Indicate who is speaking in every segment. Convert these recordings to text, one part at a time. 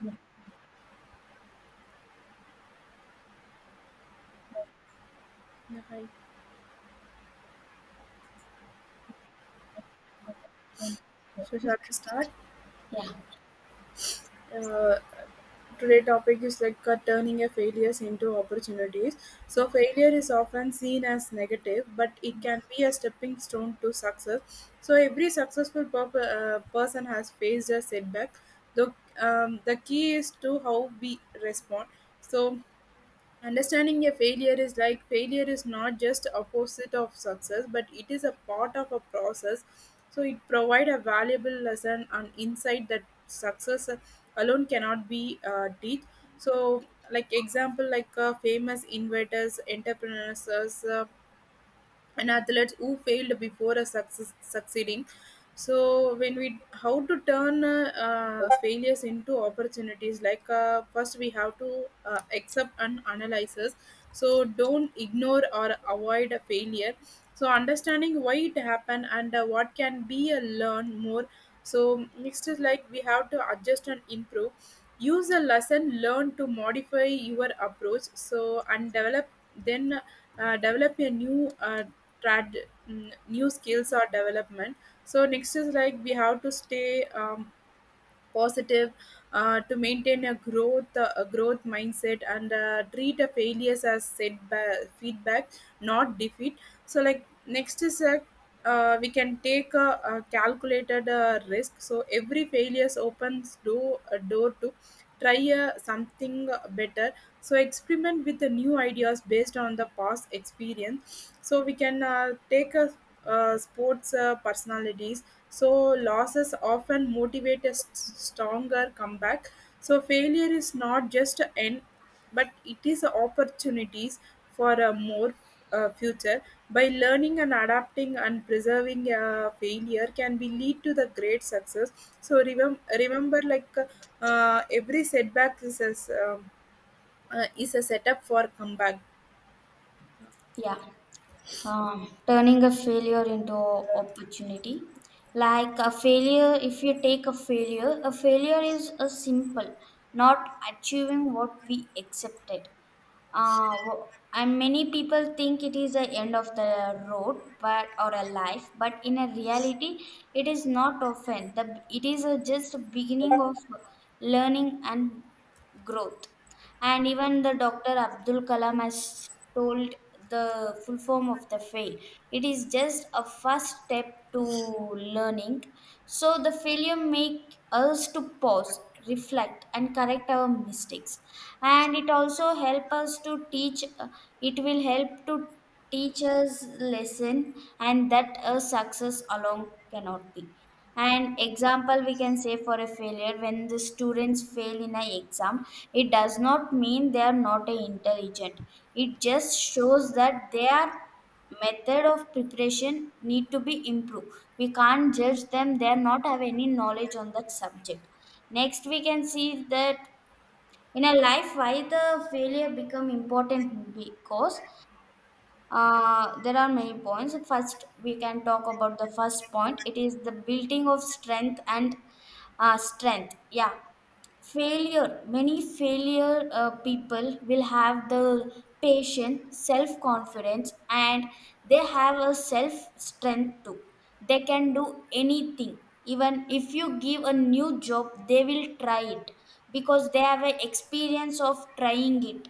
Speaker 1: Yeah,
Speaker 2: Yeah, hi. So shall we start? Uh, Today topic is like turning a failures into opportunities. So
Speaker 1: yeah,
Speaker 2: failure is often seen as negative, but it can
Speaker 1: yes,
Speaker 2: be a stepping stone to success. So every successful person has faced a setback. The the key is to how we respond. So understanding a failure is like failure is not just opposite of success, but it is a part of a process. So it provide a valuable lesson and insight that success alone cannot be teach. So like example like famous inventors, entrepreneurs, and athletes who failed before a success, succeeding. So when we how to turn failures into opportunities, like first we have to accept and analyze analysis. So don't ignore or avoid a failure. So understanding why it happened and what can be a learn more. So next is like we have to adjust and improve, use a lesson learned to modify your approach so and develop. Then develop a new uh, new skills or development. So next is like we have to stay positive, to maintain a growth mindset and treat a failures as setback feedback, not defeat. So like next is like we can take a calculated risk. So every failures opens door a door to try something better. So experiment with the new ideas based on the past experience. So we can take a sports personalities. So losses often motivate a stronger comeback. So failure is not just an end, but it is opportunities for a more future. By learning and adapting and preserving, failure can be lead to the great success. So remember like every setback is is a setup for comeback.
Speaker 1: yeah. Turning a failure into opportunity, like a failure, if you take a failure, a failure is a simple not achieving what we accepted, uh, wh- and many people think it is the end of the road but or a life, but in a reality it is not often the, it is a just beginning of learning and growth. And even the Dr. Abdul Kalam has told the full form of the fail, it is just a first step to learning. So the failure make us to pause, reflect and correct our mistakes, and it also help us to teach it will help to teachers lesson and that a success alone cannot be. An example we can say for a failure, when the students fail in an exam, it does not mean they are not intelligent. It just shows that their method of preparation need to be improved. We can't judge them they are not have any knowledge on that subject. Next we can see that in a life why the failure become important, because there are many points. First, we can talk about the first point. It is the building of strength and strength. Yeah, failure. Many failure people will have the patience, self confidence, and they have a self strength too. They can do anything. Even if you give a new job, they will try it because they have an experience of trying it.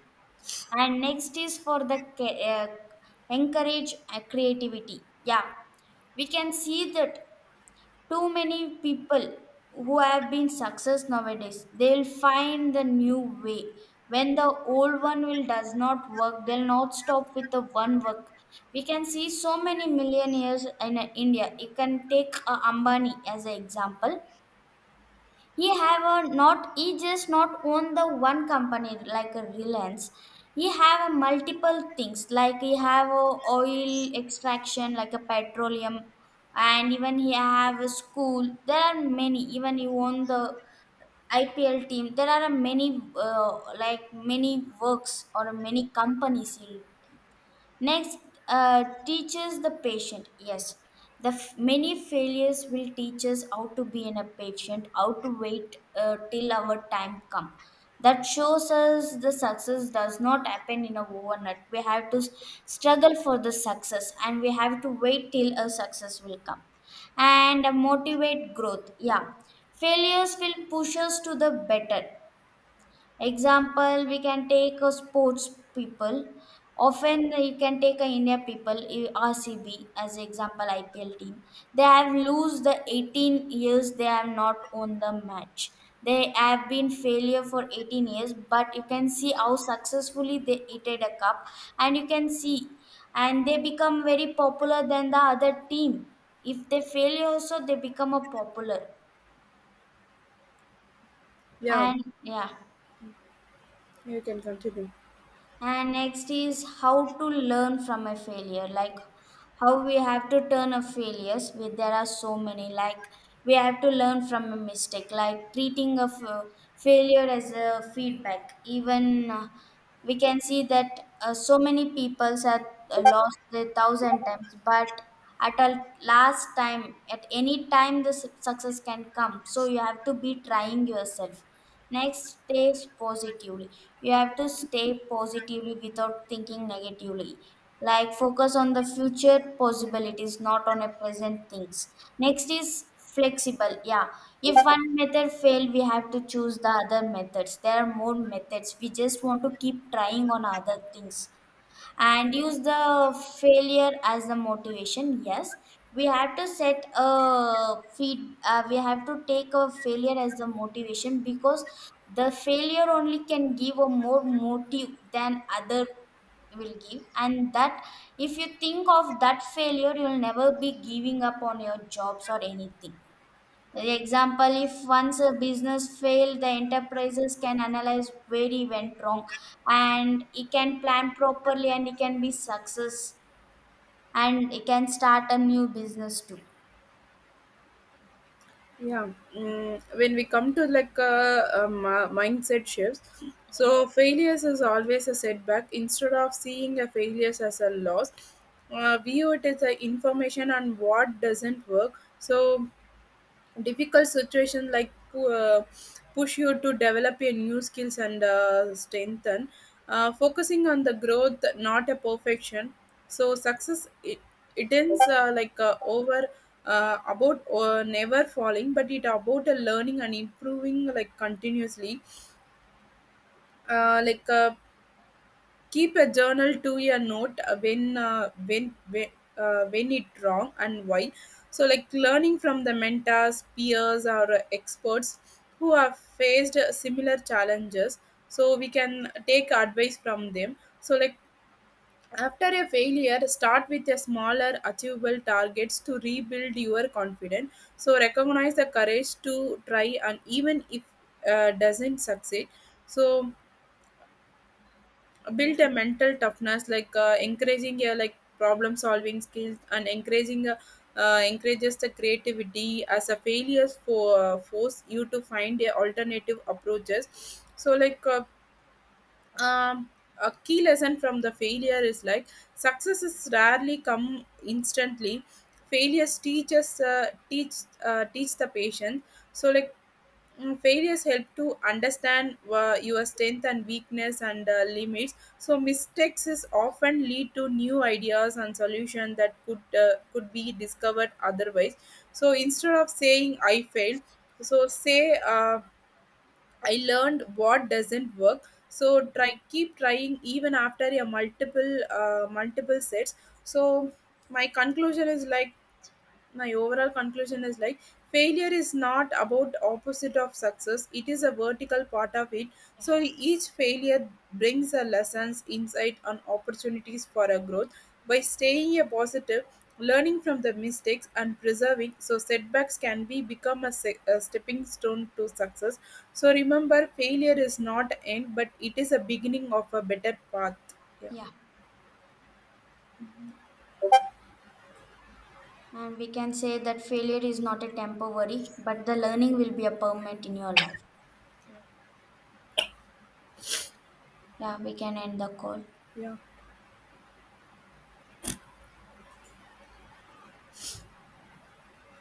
Speaker 1: And next is for the encourage creativity. Yeah, we can see that too many people who have been success nowadays, they'll find the new way when the old one will does not work. They'll not stop with the one work. We can see so many millionaires in India. You can take Ambani as an example. He have a not, he just not own the one company like a Reliance. He have a multiple things, like he have a oil extraction like a petroleum, and even he have a school, there are many, even he own the IPL team. There are many uh, like many works or many companies. Next, teaches the patient. Yes, many failures will teach us how to be in a patient, how to wait till our time come. That shows us the success does not happen in a overnight. We have to struggle for the success, and we have to wait till a success will come. And motivate growth. Yeah, failures will push us to the better. Example, we can take a sports people. Often you can take a India people, eh, RCB as example, IPL team. They have lose the 18 years. They have not won the match. They have been failure for 18 years, but you can see how successfully they eated a cup, and you can see, and they become very popular than the other team. If they fail also, they become a popular,
Speaker 2: Yeah,
Speaker 1: and yeah.
Speaker 2: you can continue.
Speaker 1: And next is how to learn from a failure, like how we have to turn a failures. We, there are so many, like we have to learn from a mistake, like treating a failure as a feedback. Even we can see that so many people have lost their thousand times, but at a last time, at any time, the success can come. So you have to be trying yourself. Next, stay positively. You have to stay positively without thinking negatively. Like focus on the future possibilities, not on a present things. Next is flexible. Yeah, if one method fail, we have to choose the other methods. There are more methods. We just want to keep trying on other things and use the failure as the motivation. Yes, we have to set a feed, we have to take a failure as the motivation, because the failure only can give a more motive than other will give. And that if you think of that failure, you will never be giving up on your jobs or anything. Example, if once a business failed, the enterprises can analyze where he went wrong, and he can plan properly and he can be success, and he can start a new business too.
Speaker 2: Yeah. When we come to like mindset shifts,
Speaker 1: Yeah.
Speaker 2: so failures is always a setback. Instead of seeing a failures as a loss, view it as a information on what doesn't work. So difficult situation like push you to develop your new skills and strengthen, focusing on the growth not a perfection. So success it, it ends like over about never falling, but it about learning and improving like continuously. uh, like uh, Keep a journal to a note when it wrong and why. So like learning from the mentors, peers, or experts who have faced similar challenges. So we can take advice from them. So like after a failure, start with a smaller achievable targets to rebuild your confidence. So recognize the courage to try, and even if doesn't succeed. So build a mental toughness like encouraging like problem solving skills and encouraging encourages the creativity as a failures for force you to find a alternative approaches. So like um, a key lesson from the failure is like successes rarely come instantly. Failures teaches teach the patient. So like failures help to understand your strength and weakness and limits. So mistakes is often lead to new ideas and solutions that could be discovered otherwise. So instead of saying I failed, so say I learned what doesn't work. So try keep trying even after a multiple sets. So my conclusion is like my overall conclusion is like failure is not about opposite of success, it is a vertical part of it. So each failure brings a lessons insight and opportunities for a growth. By staying a positive, learning from the mistakes and preserving, so setbacks can be become a stepping stone to success. So remember, failure is not end, but it is a beginning of a better path. Yeah.
Speaker 1: Yeah. And we can say that failure is not a temporary, but the learning will be a permanent in your life. Yeah, we can end the call.
Speaker 2: Yeah.